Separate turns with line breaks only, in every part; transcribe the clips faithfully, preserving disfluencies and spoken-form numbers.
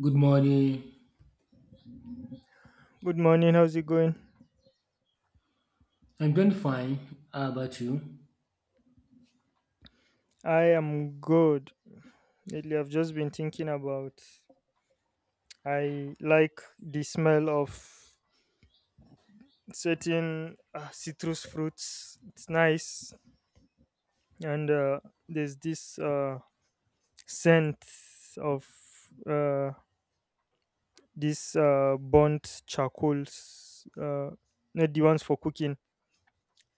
Good morning.
Good morning. How's it going?
I'm doing fine. How about you?
I am good. Lately, I've just been thinking about. I like the smell of certain uh, citrus fruits. It's nice, and uh, there's this uh, scent of uh, this uh, burnt charcoals. Uh, not the ones for cooking,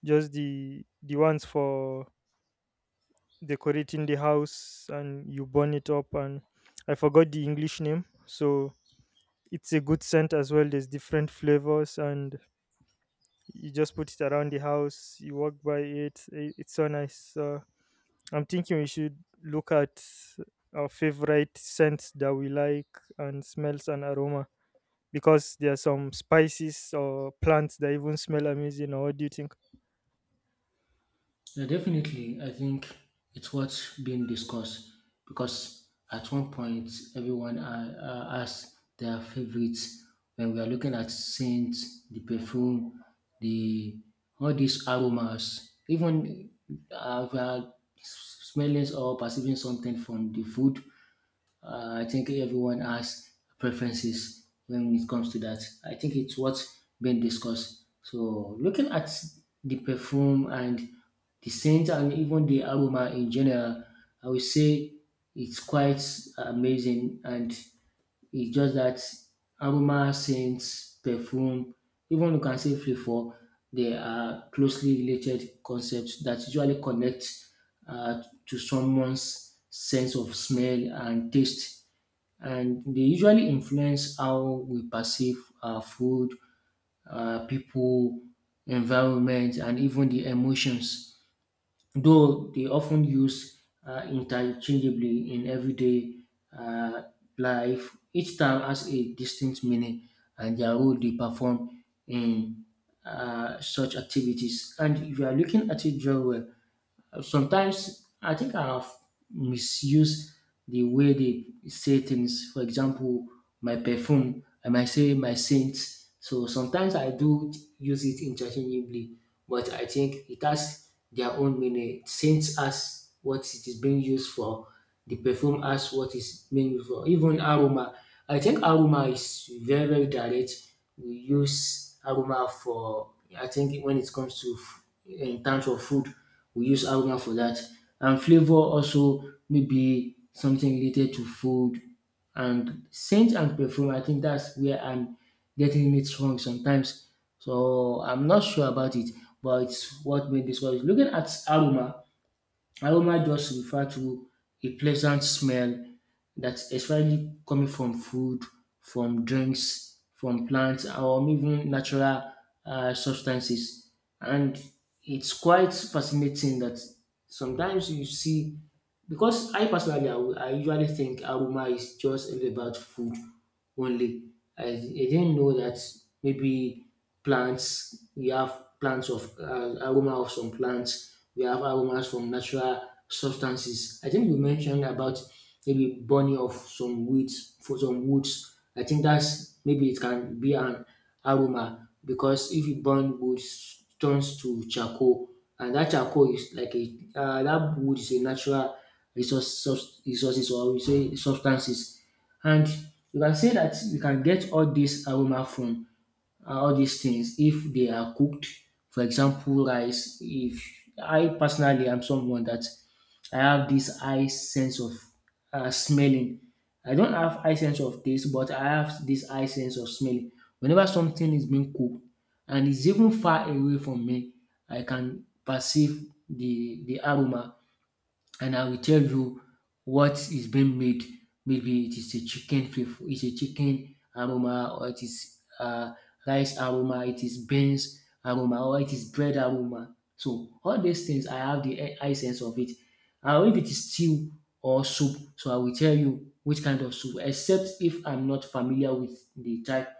just the the ones for decorating the house, and you burn it up. And I forgot the English name, so it's a good scent as well. There's different flavors, and you just put it around the house. You walk by it. i- It's so nice. So I'm thinking we should look at our favorite scents that we like and smells and aroma because there are some spices or plants that even smell amazing. Or what do you think?
Yeah, definitely. I think it's what's being discussed because at one point everyone uh, uh, has their favorites. When we are looking at scents, the perfume, the all these aromas, even uh, if we are smelling or perceiving something from the food, Uh, I think everyone has preferences when it comes to that. I think it's what's been discussed. So looking at the perfume and the scent and even the aroma in general, I would say it's quite amazing and it's just that aroma, scents, perfume, even you can say flavor, they are closely related concepts that usually connect uh, to someone's sense of smell and taste and they usually influence how we perceive our food, uh, people, environment, and even the emotions. Though they often used uh, interchangeably in everyday uh, life, each term has a distinct meaning and their role they perform in uh, such activities. And if you are looking at it very well, uh, sometimes I think I have misused the way they say things. For example, my perfume, I might say my scent. So sometimes I do use it interchangeably, but I think it has their own meaning. Scent as what it is being used for the perfume as what is meant for. Even aroma, I think aroma is very, very direct. We use aroma for, I think when it comes to, f- in terms of food, we use aroma for that. And flavor also maybe something related to food and scent and perfume. I think that's where I'm getting it wrong sometimes. So I'm not sure about it, but it's what made this one. Looking at aroma, aroma just refer to a pleasant smell that's especially coming from food, from drinks, from plants, or even natural uh, substances. And it's quite fascinating that sometimes you see because I personally, I, will- I usually think aroma is just all about food only. I, I didn't know that maybe plants, we have plants of uh, aroma of some plants, we have aromas from natural substances. I think you mentioned about maybe burning of some weeds for some woods. I think that's maybe it can be an aroma because if you burn wood, it turns to charcoal, and that charcoal is like a uh, that wood is a natural resource, sus- resources or we say substances, and you can say that you can get all this aroma from uh, all these things if they are cooked. For example, rice. If I personally am someone that I have this high sense of uh, smelling. I don't have high sense of taste, but I have this high sense of smelling. Whenever something is being cooked and it's even far away from me, I can perceive the the aroma and I will tell you what is being made. Maybe it is a chicken flavor, it's a chicken aroma, or it is uh, rice aroma, it is beans aroma, or it is bread aroma. So all these things, I have the e- essence of it. And if it is stew or soup, so I will tell you which kind of soup, except if I'm not familiar with the type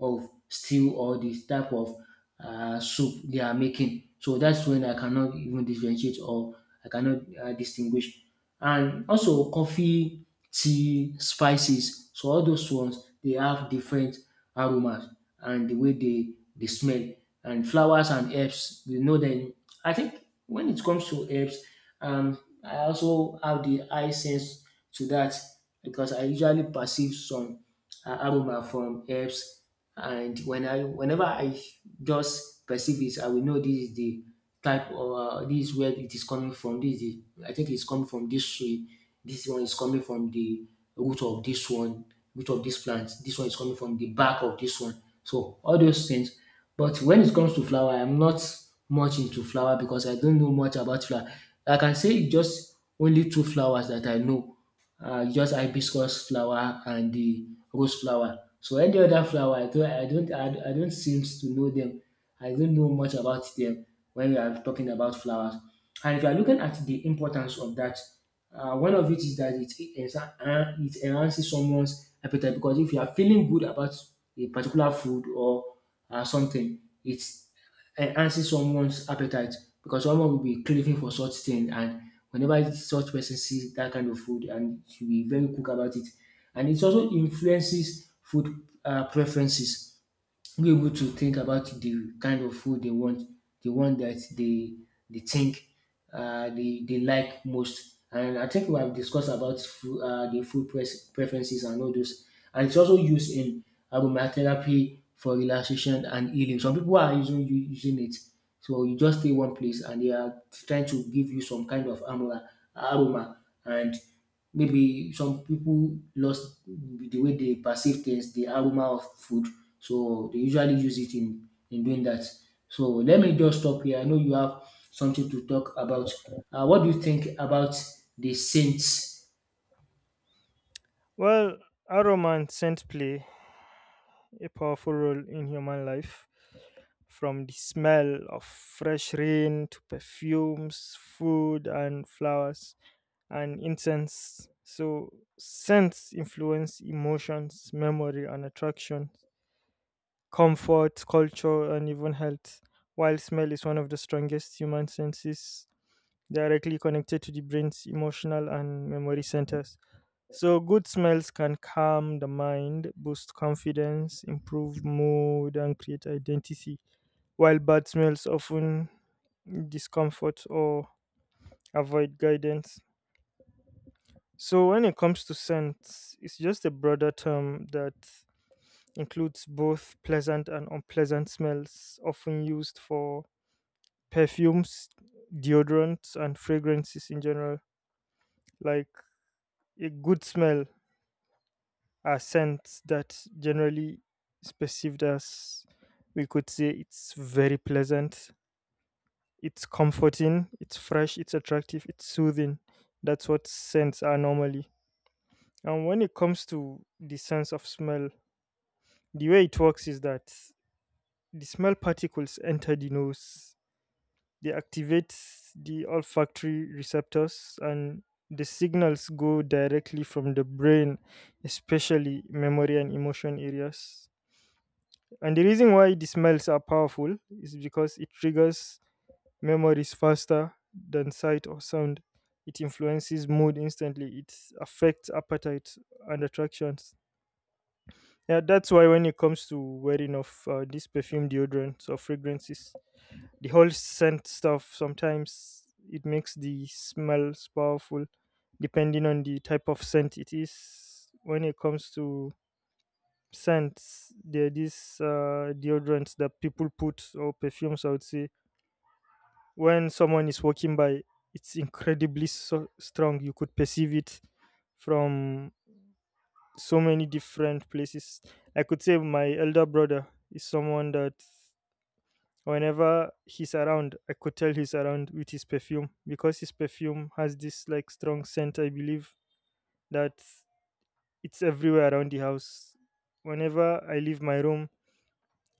of stew or the type of uh, soup they are making. So that's when I cannot even differentiate or I cannot uh, distinguish. And also coffee, tea, spices. So all those ones they have different aromas and the way they they smell. And flowers and herbs, we know them. I think when it comes to herbs, um, I also have the eye sense to that because I usually perceive some uh, aroma from herbs and when I whenever I just perceive it, I will know this is the type or uh, this is where it is coming from. This is the, I think it's coming from this tree. This one is coming from the root of this one, root of this plant. This one is coming from the bark of this one. So all those things. But when it comes to flower, I'm not much into flower because I don't know much about flower. Like I can say it's just only two flowers that I know uh, just hibiscus flower and the rose flower. So any other flower, I don't, I don't, I, I don't seem to know them. I don't know much about them when we are talking about flowers. And if you are looking at the importance of that, uh, one of it is that it, ensa- uh, it enhances someone's appetite because if you are feeling good about a particular food or uh, something, it's enhancing someone's appetite because someone will be craving for such thing and whenever such person sees that kind of food and should be very quick about it. And it also influences food uh, preferences be able to think about the kind of food they want, the one that they they think uh, they they like most. And I think we have discussed about food, uh, the food pres- preferences and all those. And it's also used in aromatherapy for relaxation and healing. Some people are using u- using it. So you just stay one place and they are trying to give you some kind of aroma, aroma and maybe some people lost the way they perceive things, the aroma of food, so they usually use it in in doing that. So let me just stop here. I know you have something to talk about. Uh, what do you think about the saints?
Well, aroma and scent play a powerful role in human life, from the smell of fresh rain to perfumes, food, and flowers and incense. So, scents influence emotions, memory, and attraction, comfort, culture, and even health, while smell is one of the strongest human senses, directly connected to the brain's emotional and memory centers. So, good smells can calm the mind, boost confidence, improve mood, and create identity, while bad smells often discomfort or avoid guidance. So, when it comes to scents, it's just a broader term that includes both pleasant and unpleasant smells, often used for perfumes, deodorants, and fragrances in general. Like a good smell, a scent that generally is perceived as, we could say, it's very pleasant, it's comforting, it's fresh, it's attractive, it's soothing. That's what scents are normally. And when it comes to the sense of smell, the way it works is that the smell particles enter the nose, they activate the olfactory receptors, and the signals go directly from the brain, especially memory and emotion areas. And the reason why the smells are powerful is because it triggers memories faster than sight or sound. It influences mood instantly. It affects appetite and attractions. Yeah, that's why when it comes to wearing of uh, these perfume deodorants or fragrances, the whole scent stuff sometimes it makes the smells powerful, depending on the type of scent it is. When it comes to scents, there are these uh, deodorants that people put or perfumes, I would say, when someone is walking by, it's incredibly so strong, you could perceive it from so many different places. I could say my elder brother is someone that whenever he's around, I could tell he's around with his perfume, because his perfume has this like strong scent, I believe, that it's everywhere around the house. Whenever I leave my room,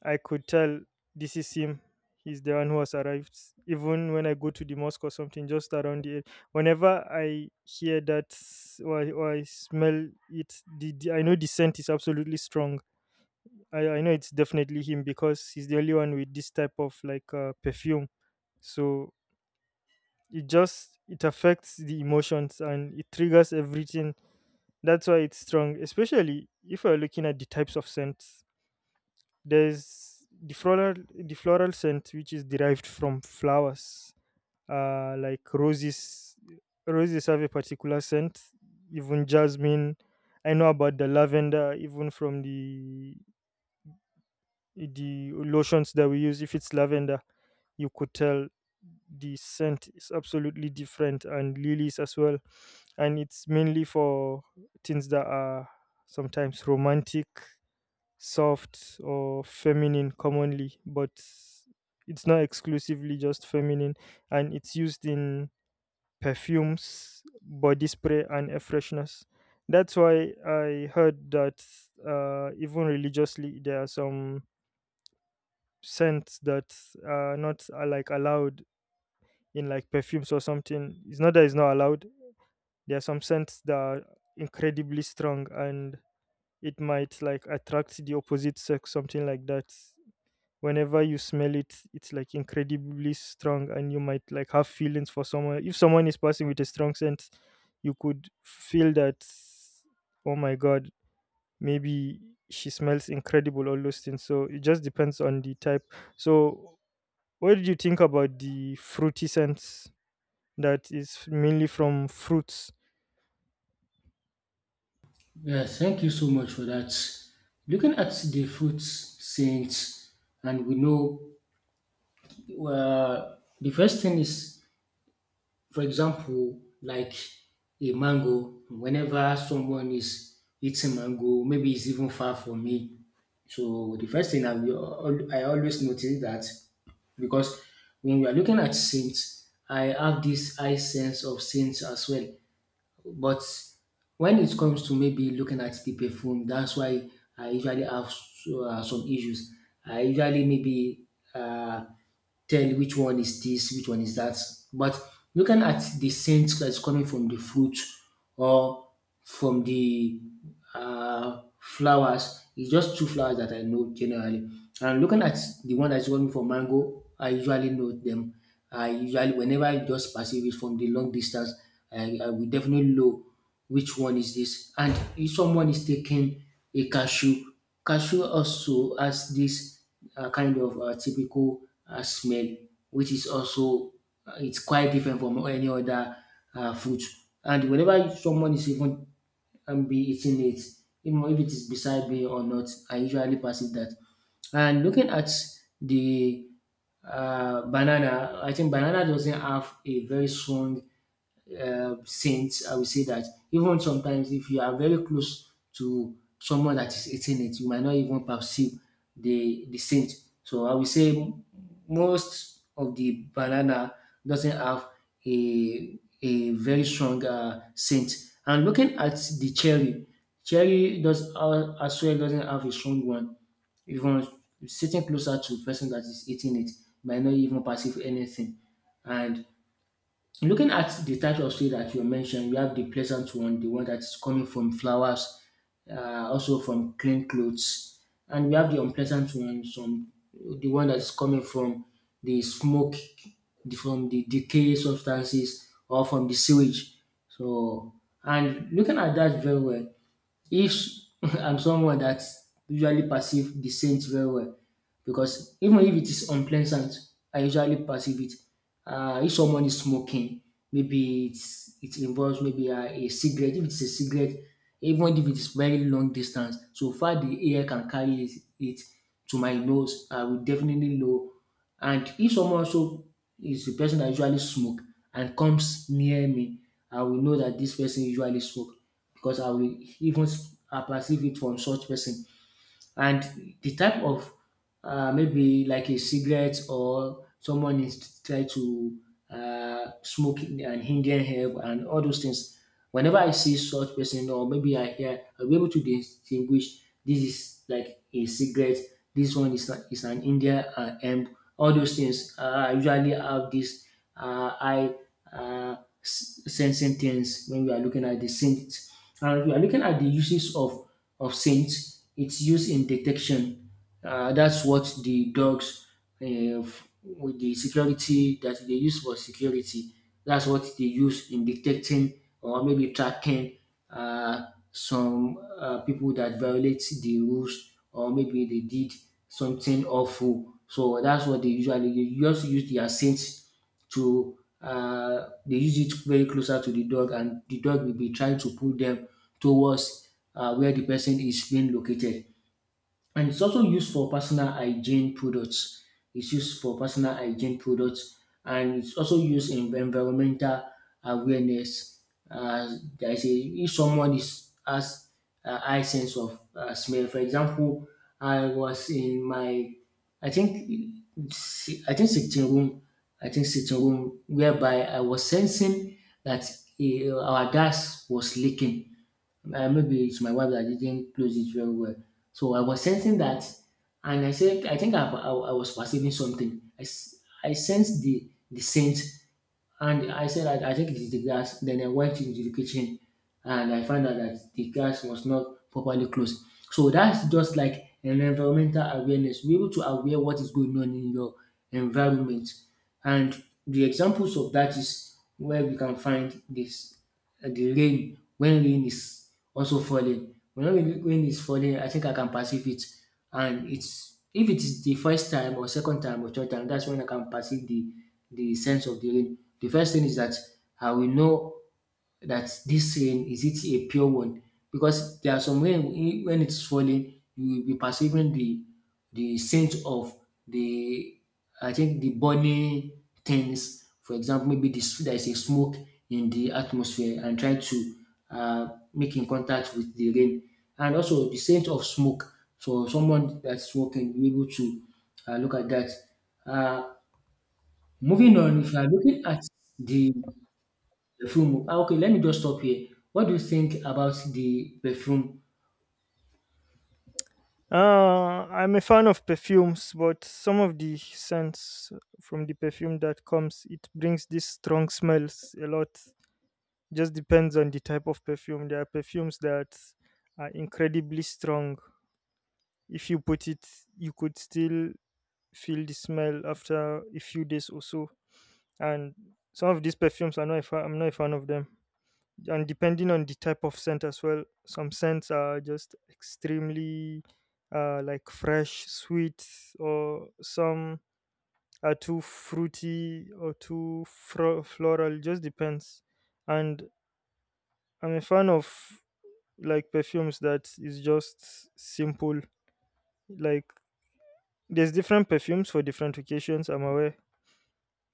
I could tell this is him. He's the one who has arrived. Even when I go to the mosque or something, just around the area, whenever I hear that s- or I, or I smell it, the, the- I know the scent is absolutely strong. I, I know it's definitely him because he's the only one with this type of like uh, perfume. So it just it affects the emotions and it triggers everything. That's why it's strong, especially if you're looking at the types of scents. There's the floral the floral scent, which is derived from flowers, uh, like roses. Roses have a particular scent. Even jasmine, I know about the lavender. Even from the the lotions that we use, if it's lavender, you could tell the scent is absolutely different, and lilies as well. And it's mainly for things that are sometimes romantic, soft, or feminine commonly, but it's not exclusively just feminine, and it's used in perfumes, body spray, and air fresheners. That's why I heard that uh, even religiously, there are some scents that are not uh, like allowed in like perfumes or something. It's not that it's not allowed. There are some scents that are incredibly strong and it might like attract the opposite sex, something like that. Whenever you smell it, it's like incredibly strong, and you might like have feelings for someone. If someone is passing with a strong scent, you could feel that, oh my god, maybe she smells incredible, all those things. So it just depends on the type. So what did you think about the fruity scents that is mainly from fruits?
Yeah, thank you so much for that. Looking at the fruits saints, and we know uh, the first thing is for example, like a mango, whenever someone is eating mango, maybe it's even far from me. So the first thing I will, al- I always notice that because when we are looking at saints, I have this high sense of saints as well. But when it comes to maybe looking at the perfume, that's why I usually have s- uh, some issues. I usually maybe uh, tell which one is this, which one is that. But looking at the scent that's coming from the fruit or from the uh, flowers, it's just two flowers that I know generally. And looking at the one that's coming from mango, I usually know them. I usually, whenever I just perceive it from the long distance, I, I will definitely know which one is this. And if someone is taking a cashew, cashew also has this uh, kind of uh, typical uh, smell, which is also uh, it's quite different from any other uh, fruit. And whenever someone is even um, be eating it, even if it is beside me or not, I usually pass it that. And looking at the uh, banana, I think banana doesn't have a very strong uh, saints, I will say that even sometimes if you are very close to someone that is eating it, you might not even perceive the the scent. So I will say m- most of the banana doesn't have a a very strong uh, scent. And looking at the cherry, cherry does uh, as well doesn't have a strong one. Even sitting closer to the person that is eating it might not even perceive anything. And looking at the types of seed that you mentioned, you have the pleasant one, the one that's coming from flowers, uh, also from clean clothes, and we have the unpleasant one, some the one that's coming from the smoke, the- from the decay substances, or from the sewage. So, and looking at that very well, if I'm someone that usually perceive the scent very well because even if it is unpleasant, I usually perceive it. Uh, if someone is smoking, maybe it's, it involves maybe uh, a cigarette. If it's a cigarette, even if it is very long distance, so far the air can carry it, it to my nose, I will definitely know. And if someone also is the person that usually smoke and comes near me, I will know that this person usually smoke because I will even I perceive it from such person. And the type of uh, maybe like a cigarette or someone is try to uh, smoke in- an Indian herb and all those things. Whenever I see such person or maybe I hear, I'll be able to distinguish this is like a cigarette, this one is, not, is an Indian uh, herb. All those things. Uh, I usually have this uh, eye uh, s- sensing things when we are looking at the scent. And we are looking at the uses of of scents. It's used in detection. Uh, that's what the dogs, uh, f- with the security that they use for security, that's what they use in detecting or maybe tracking uh, some uh, people that violate the rules or maybe they did something awful. So that's what they usually they just use their scents to uh, they use it very closer to the dog, and the dog will be trying to pull them towards uh, where the person is being located. And it's also used for personal hygiene products. It's used for personal hygiene products, and it's also used in environmental awareness. Uh, there is a if someone is has a high sense of uh, smell. For example, I was in my I think si- I think sitting room, I think sitting room, whereby I was sensing that eh, our gas was leaking. Uh, maybe it's my wife that didn't close it very well. So I was sensing that, and I said, I think I, I, I was perceiving something. I, s- I sensed the, the scent, and I said, I, I think it is the gas. Then I went into the kitchen, and I found out that the gas was not properly closed. So that's just like an environmental awareness. Be able to aware what is going on in your environment. And the examples of that is where we can find this and the rain when rain is also falling. When rain rain is falling, I think I can perceive it. And it's if it is the first time or second time or third time, that's when I can perceive the the sense of the rain. The first thing is that I will know that this rain is it a pure one, because there are some rain when when it's falling you will be perceiving the the scent of the I think the burning things. For example, maybe this there is a smoke in the atmosphere and try to uh, make in contact with the rain, and also the scent of smoke. So someone that's smoking will be able to uh, look at that. uh, Moving on, if you are looking at the perfume. Ah, okay, let me just stop here. What do you think about the perfume?
uh I'm a fan of perfumes, but some of the scents from the perfume that comes, it brings these strong smells a lot. Just depends on the type of perfume. There are perfumes that are incredibly strong. If you put it, you could still feel the smell after a few days or so. And some of these perfumes, I'm not a fan. I'm not a fan of them. And depending on the type of scent as well, some scents are just extremely uh, like fresh, sweet, or some are too fruity or too fro- floral. Just depends. And I'm a fan of like perfumes that is just simple. Like, there's different perfumes for different occasions. I'm aware.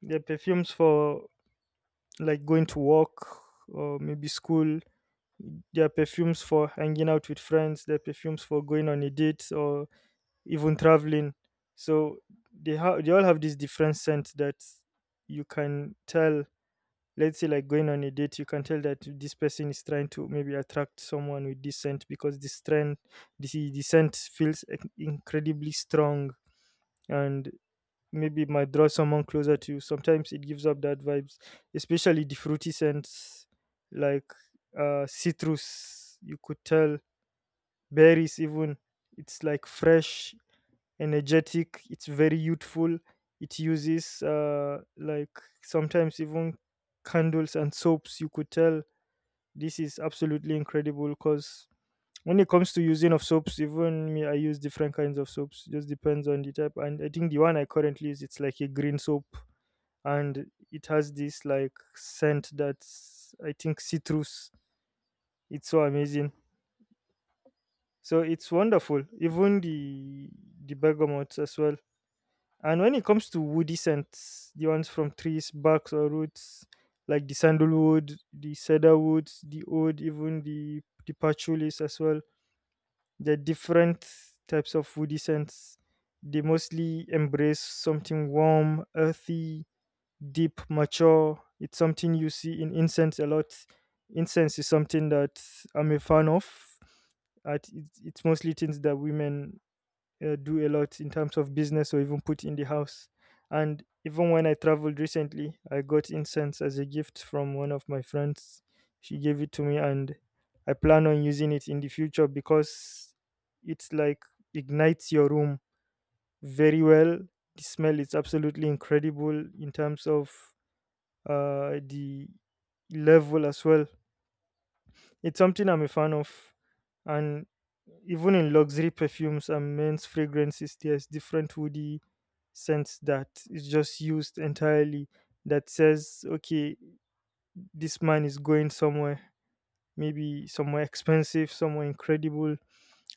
There are perfumes for like going to work or maybe school. There are perfumes for hanging out with friends. There are perfumes for going on a date or even traveling. So they have they all have this different scent that you can tell. Let's say like going on a date, you can tell that this person is trying to maybe attract someone with this scent, because this trend this the scent feels inc- incredibly strong, and maybe it might draw someone closer to you. Sometimes it gives up that vibes, especially the fruity scents, like uh citrus, you could tell, berries even. It's like fresh, energetic, it's very youthful. It uses uh, like sometimes even candles and soaps. You could tell this is absolutely incredible, because when it comes to using of soaps, even me, I use different kinds of soaps. Just depends on the type, and I think the one I currently use, it's like a green soap, and it has this like scent that's I think citrus. It's so amazing. So it's wonderful, even the the bergamot as well. And when it comes to woody scents, the ones from trees, barks, or roots, like the sandalwood, the cedarwood, the oud, even the the patchouli as well. The different types of woody scents. They mostly embrace something warm, earthy, deep, mature. It's something you see in incense a lot. Incense is something that I'm a fan of. At it's it's mostly things that women uh, do a lot in terms of business or even put in the house. And even when I traveled recently, I got incense as a gift from one of my friends. She gave it to me, and I plan on using it in the future because it's like ignites your room very well. The smell is absolutely incredible in terms of uh, the level as well. It's something I'm a fan of, and even in luxury perfumes and men's fragrances, there's different woody sense that is just used entirely, that says, okay, this man is going somewhere, maybe somewhere expensive, somewhere incredible.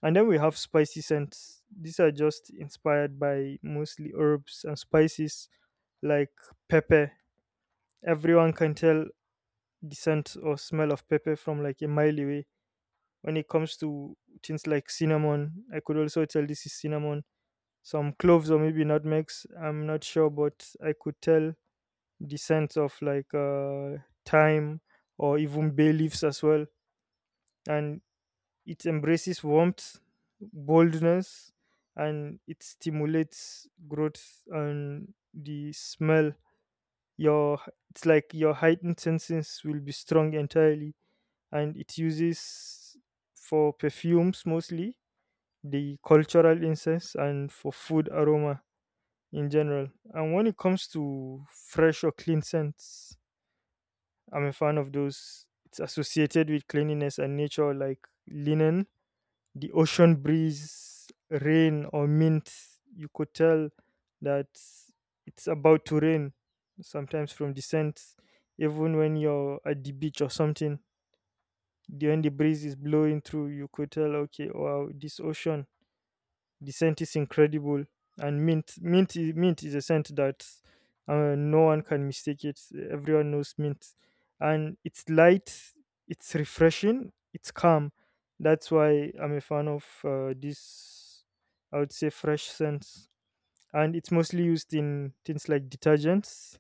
And then we have spicy scents. These are just inspired by mostly herbs and spices, like pepper. Everyone can tell the scent or smell of pepper from like a mile away. When it comes to things like cinnamon, I could also tell this is cinnamon. Some cloves or maybe nutmegs, I'm not sure, but I could tell the sense of like uh, time or even bay leaves as well. And it embraces warmth, boldness, and it stimulates growth and the smell. Your it's like your heightened senses will be strong entirely, and it uses for perfumes mostly, the cultural incense, and for food aroma in general. And when it comes to fresh or clean scents, I'm a fan of those. It's associated with cleanliness and nature, like linen, the ocean breeze, rain, or mint. You could tell that it's about to rain, sometimes from the scent, even when you're at the beach or something. The- When the breeze is blowing through, you could tell, okay, wow, this ocean the scent is incredible, and mint mint is, mint is a scent that uh, no one can mistake it. Everyone knows mint, and it's light, it's refreshing, it's calm. That's why I'm a fan of uh, this. I would say fresh scents, and it's mostly used in things like detergents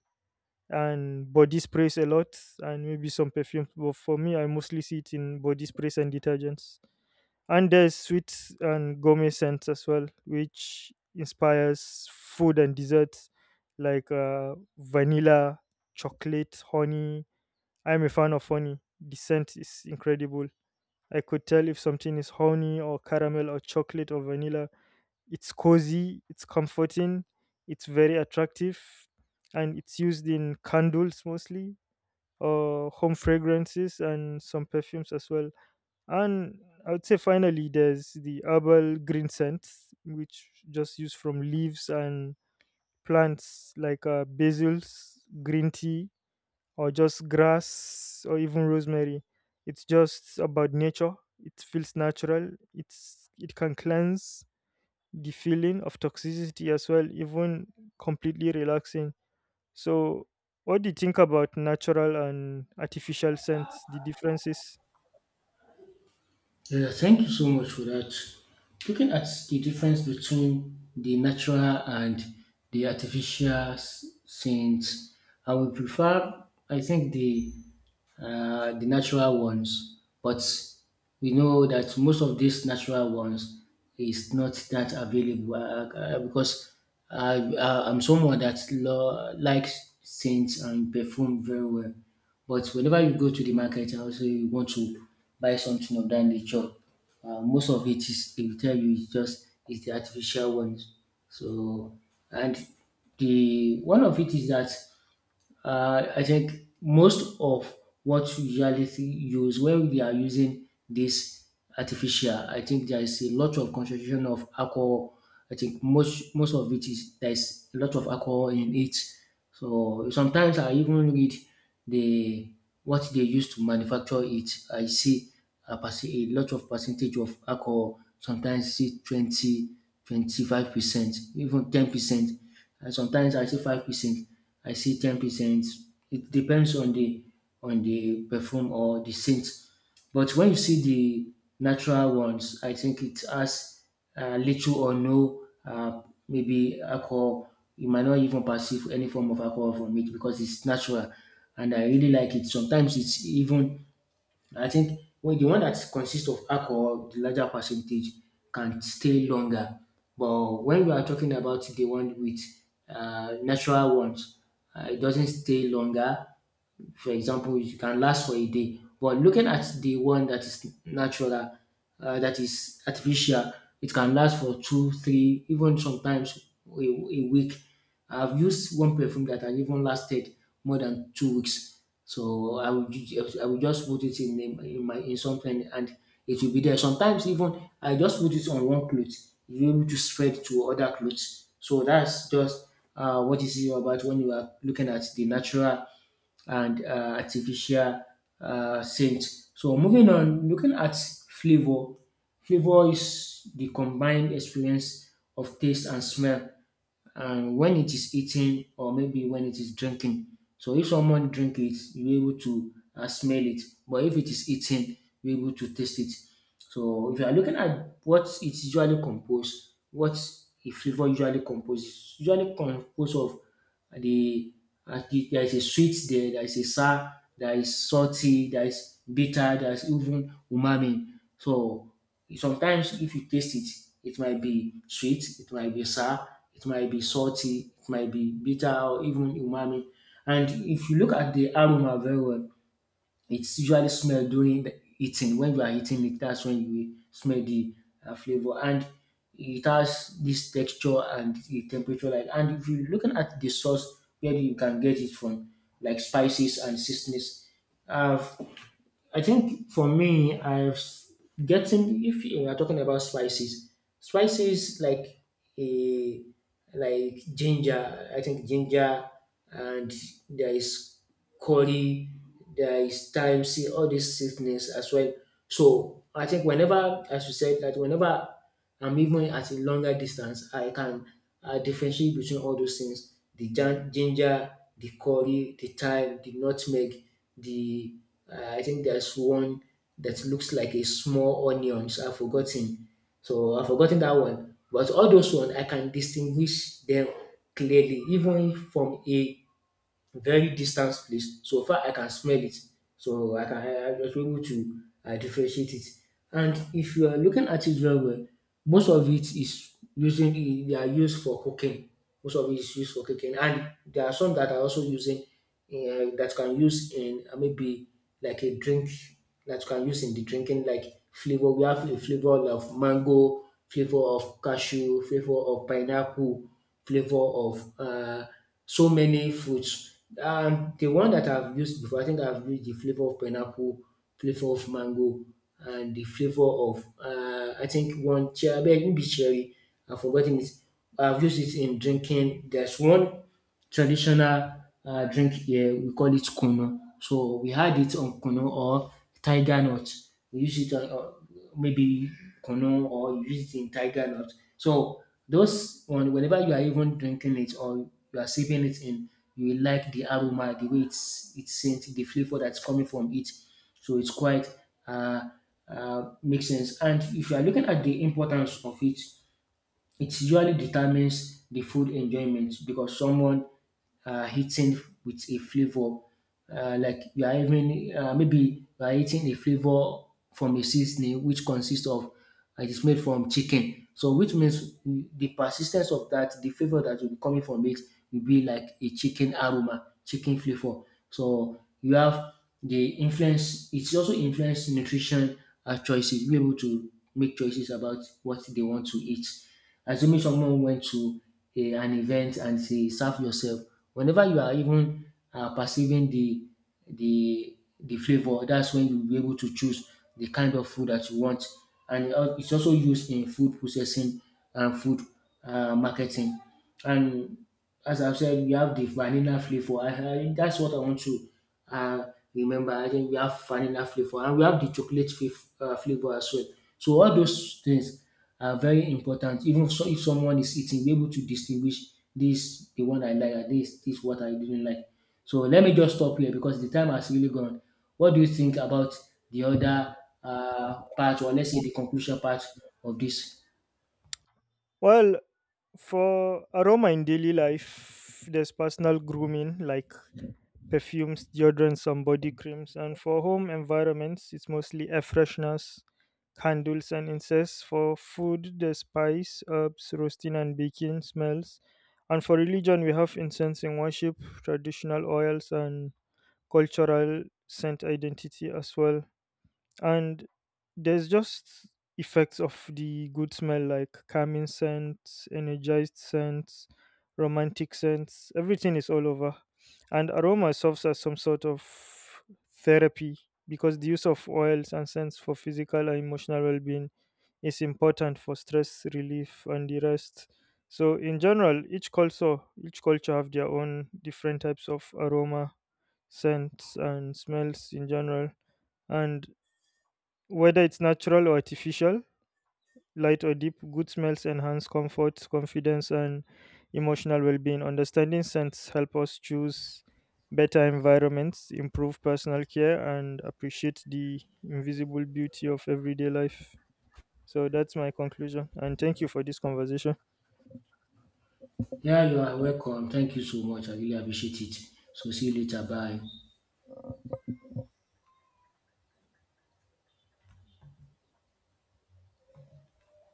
and body sprays a lot, and maybe some perfumes. But for me, I mostly see it in body sprays and detergents. And there's sweets and gourmet scents as well, which inspires food and desserts, like uh, vanilla, chocolate, honey. I'm a fan of honey. The scent is incredible. I could tell if something is honey or caramel or chocolate or vanilla. It's cozy, it's comforting, it's very attractive, and it's used in candles mostly, or home fragrances and some perfumes as well. And I would say finally, there's the herbal green scent, which just used from leaves and plants like uh, basils, green tea, or just grass, or even rosemary. It's just about nature. It feels natural. It's it can cleanse the feeling of toxicity as well, even completely relaxing. So, what do you think about natural and artificial scents? The differences?
Yeah, thank you so much for that. Looking at the difference between the natural and the artificial s- scents, I would prefer, I think, the uh, the natural ones. But we know that most of these natural ones is not that available uh, uh, because I, I, I'm someone that lo- likes scents and perfume very well. But whenever you go to the market and also you want to buy something of that nature, uh, most of it is they will tell you it's just it's the artificial ones. So and the one of it is that uh, I think most of what we usually see- use when we are using this artificial, I think there is a lot of concentration of alcohol. I think most most of it is there is a lot of alcohol in it. So sometimes I even read the what they use to manufacture it. I see a, perce- a lot of percentage of alcohol, sometimes see twenty, twenty five percent, even ten percent. And sometimes I see five percent, I see ten percent. It depends on the on the perfume or the scent. But when you see the natural ones, I think it has uh, little or no uh, maybe alcohol. You might not even perceive any form of alcohol from it because it's natural, and I really like it. Sometimes it's even I think when the one that consists of alcohol, the larger percentage can stay longer. But when we are talking about the one with uh, natural ones, uh, it doesn't stay longer. For example, it can last for a day. But looking at the one that is natural, uh, that is artificial, it can last for two, three, even sometimes a, a week. I've used one perfume that has even lasted more than two weeks. So I will, ju- I will just put it in, in, in my in something, and it will be there. Sometimes even I just put it on one cloth, you're able to spread to other clothes. So that's just uh, what is it about when you are looking at the natural and uh, artificial uh, scent. So moving on, looking at flavor, flavor is the combined experience of taste and smell, and when it is eating or maybe when it is drinking. So if someone drink it, you're able to uh, smell it, but if it is eating, you're able to taste it. So if you are looking at what it's usually composed, what a flavor usually composed, it's usually composed of the uh, there is a sweet there, there is a sour, there is salty, there is bitter, there is even umami. So sometimes if you taste it, it might be sweet, it might be sour, it might be salty, it might be bitter or even umami. And if you look at the aroma very well, it's usually smell during the eating. When you are eating it, that's when you smell the uh, flavor. And it has this texture and the temperature like, and if you're looking at the sauce where you can get it from, like spices and seasonings. Uh, I think for me, I've s- getting if you are talking about spices, spices like a like ginger. I think ginger and there is curry, there is thyme, see all these seasonings as well. So I think whenever, as you said, that whenever and even at a longer distance, I can uh, differentiate between all those things the jan- ginger, the curry, the thyme, the nutmeg, the uh, I think there's one that looks like a small onions. I've forgotten. So I've forgotten that one. But all those ones, I can distinguish them clearly, even from a very distant place. So far I can smell it. So I can I I was able to uh, differentiate it. And if you are looking at it very well, most of it is using they are used for cooking. Most of it is used for cooking, and there are some that are also using uh, that can use in uh, maybe like a drink that can use in the drinking like flavor. We have a flavor of mango, flavor of cashew, flavor of pineapple, flavor of uh, so many fruits. And the one that I've used before, I think I've used the flavor of pineapple, flavor of mango, and the flavor of uh, I think one cherry, maybe cherry, I've forgotten it. I've used it in drinking. There's one traditional uh, drink here, we call it kunu. So we had it on kunu or tiger nut. We use it on, maybe kunu or you use it in tiger nut. So those one whenever you are even drinking it or you are sipping it in, you will like the aroma, the way it's it's scent, the flavor that's coming from it. So it's quite uh, uh, makes sense. And if you are looking at the importance of it, it usually determines the food enjoyment, because someone uh, eating with a flavor uh, like you are even uh, maybe you are eating a flavor from a seasoning which consists of uh, it is made from chicken. So which means the persistence of that, the flavor that will be coming from it will be like a chicken aroma, chicken flavor. So you have they influence it's also influence nutrition uh, choices, be able to make choices about what they want to eat. Assuming someone went to a, an event and say serve yourself, whenever you are even uh, perceiving the the the flavor, that's when you'll be able to choose the kind of food that you want. And it al- it's also used in food processing and food uh, marketing. And as I've said, we have the vanilla flavor. I, I, that's what I want to uh, remember. I think we have vanilla flavor and we have the chocolate f- uh, flavor as well. So all those things are very important. Even if, so, if someone is eating, be able to distinguish this the one I like and this this what I didn't like. So let me just stop here because the time has really gone. What do you think about the other uh, part, or let's say the conclusion part of this?
Well, for aroma in daily life, there's personal grooming like perfumes, deodorants, and body creams. And for home environments, it's mostly air fresheners, candles, and incense. For food, there's spice, herbs, roasting, and baking smells. And for religion, we have incense in worship, traditional oils, and cultural scent identity as well. And there's just effects of the good smell like calming scents, energized scents, romantic scents, everything is all over. And aroma serves as some sort of therapy, because the use of oils and scents for physical and emotional well-being is important for stress relief and the rest. So in general, each culture, each culture have their own different types of aroma, scents, and smells in general. And whether it's natural or artificial, light or deep, good smells enhance comfort, confidence, and emotional well being. Understanding scents help us choose better environments, improve personal care, and appreciate the invisible beauty of everyday life. So that's my conclusion. And thank you for this conversation.
Yeah, you are welcome. Thank you so much. I really appreciate it. So see you later. Bye.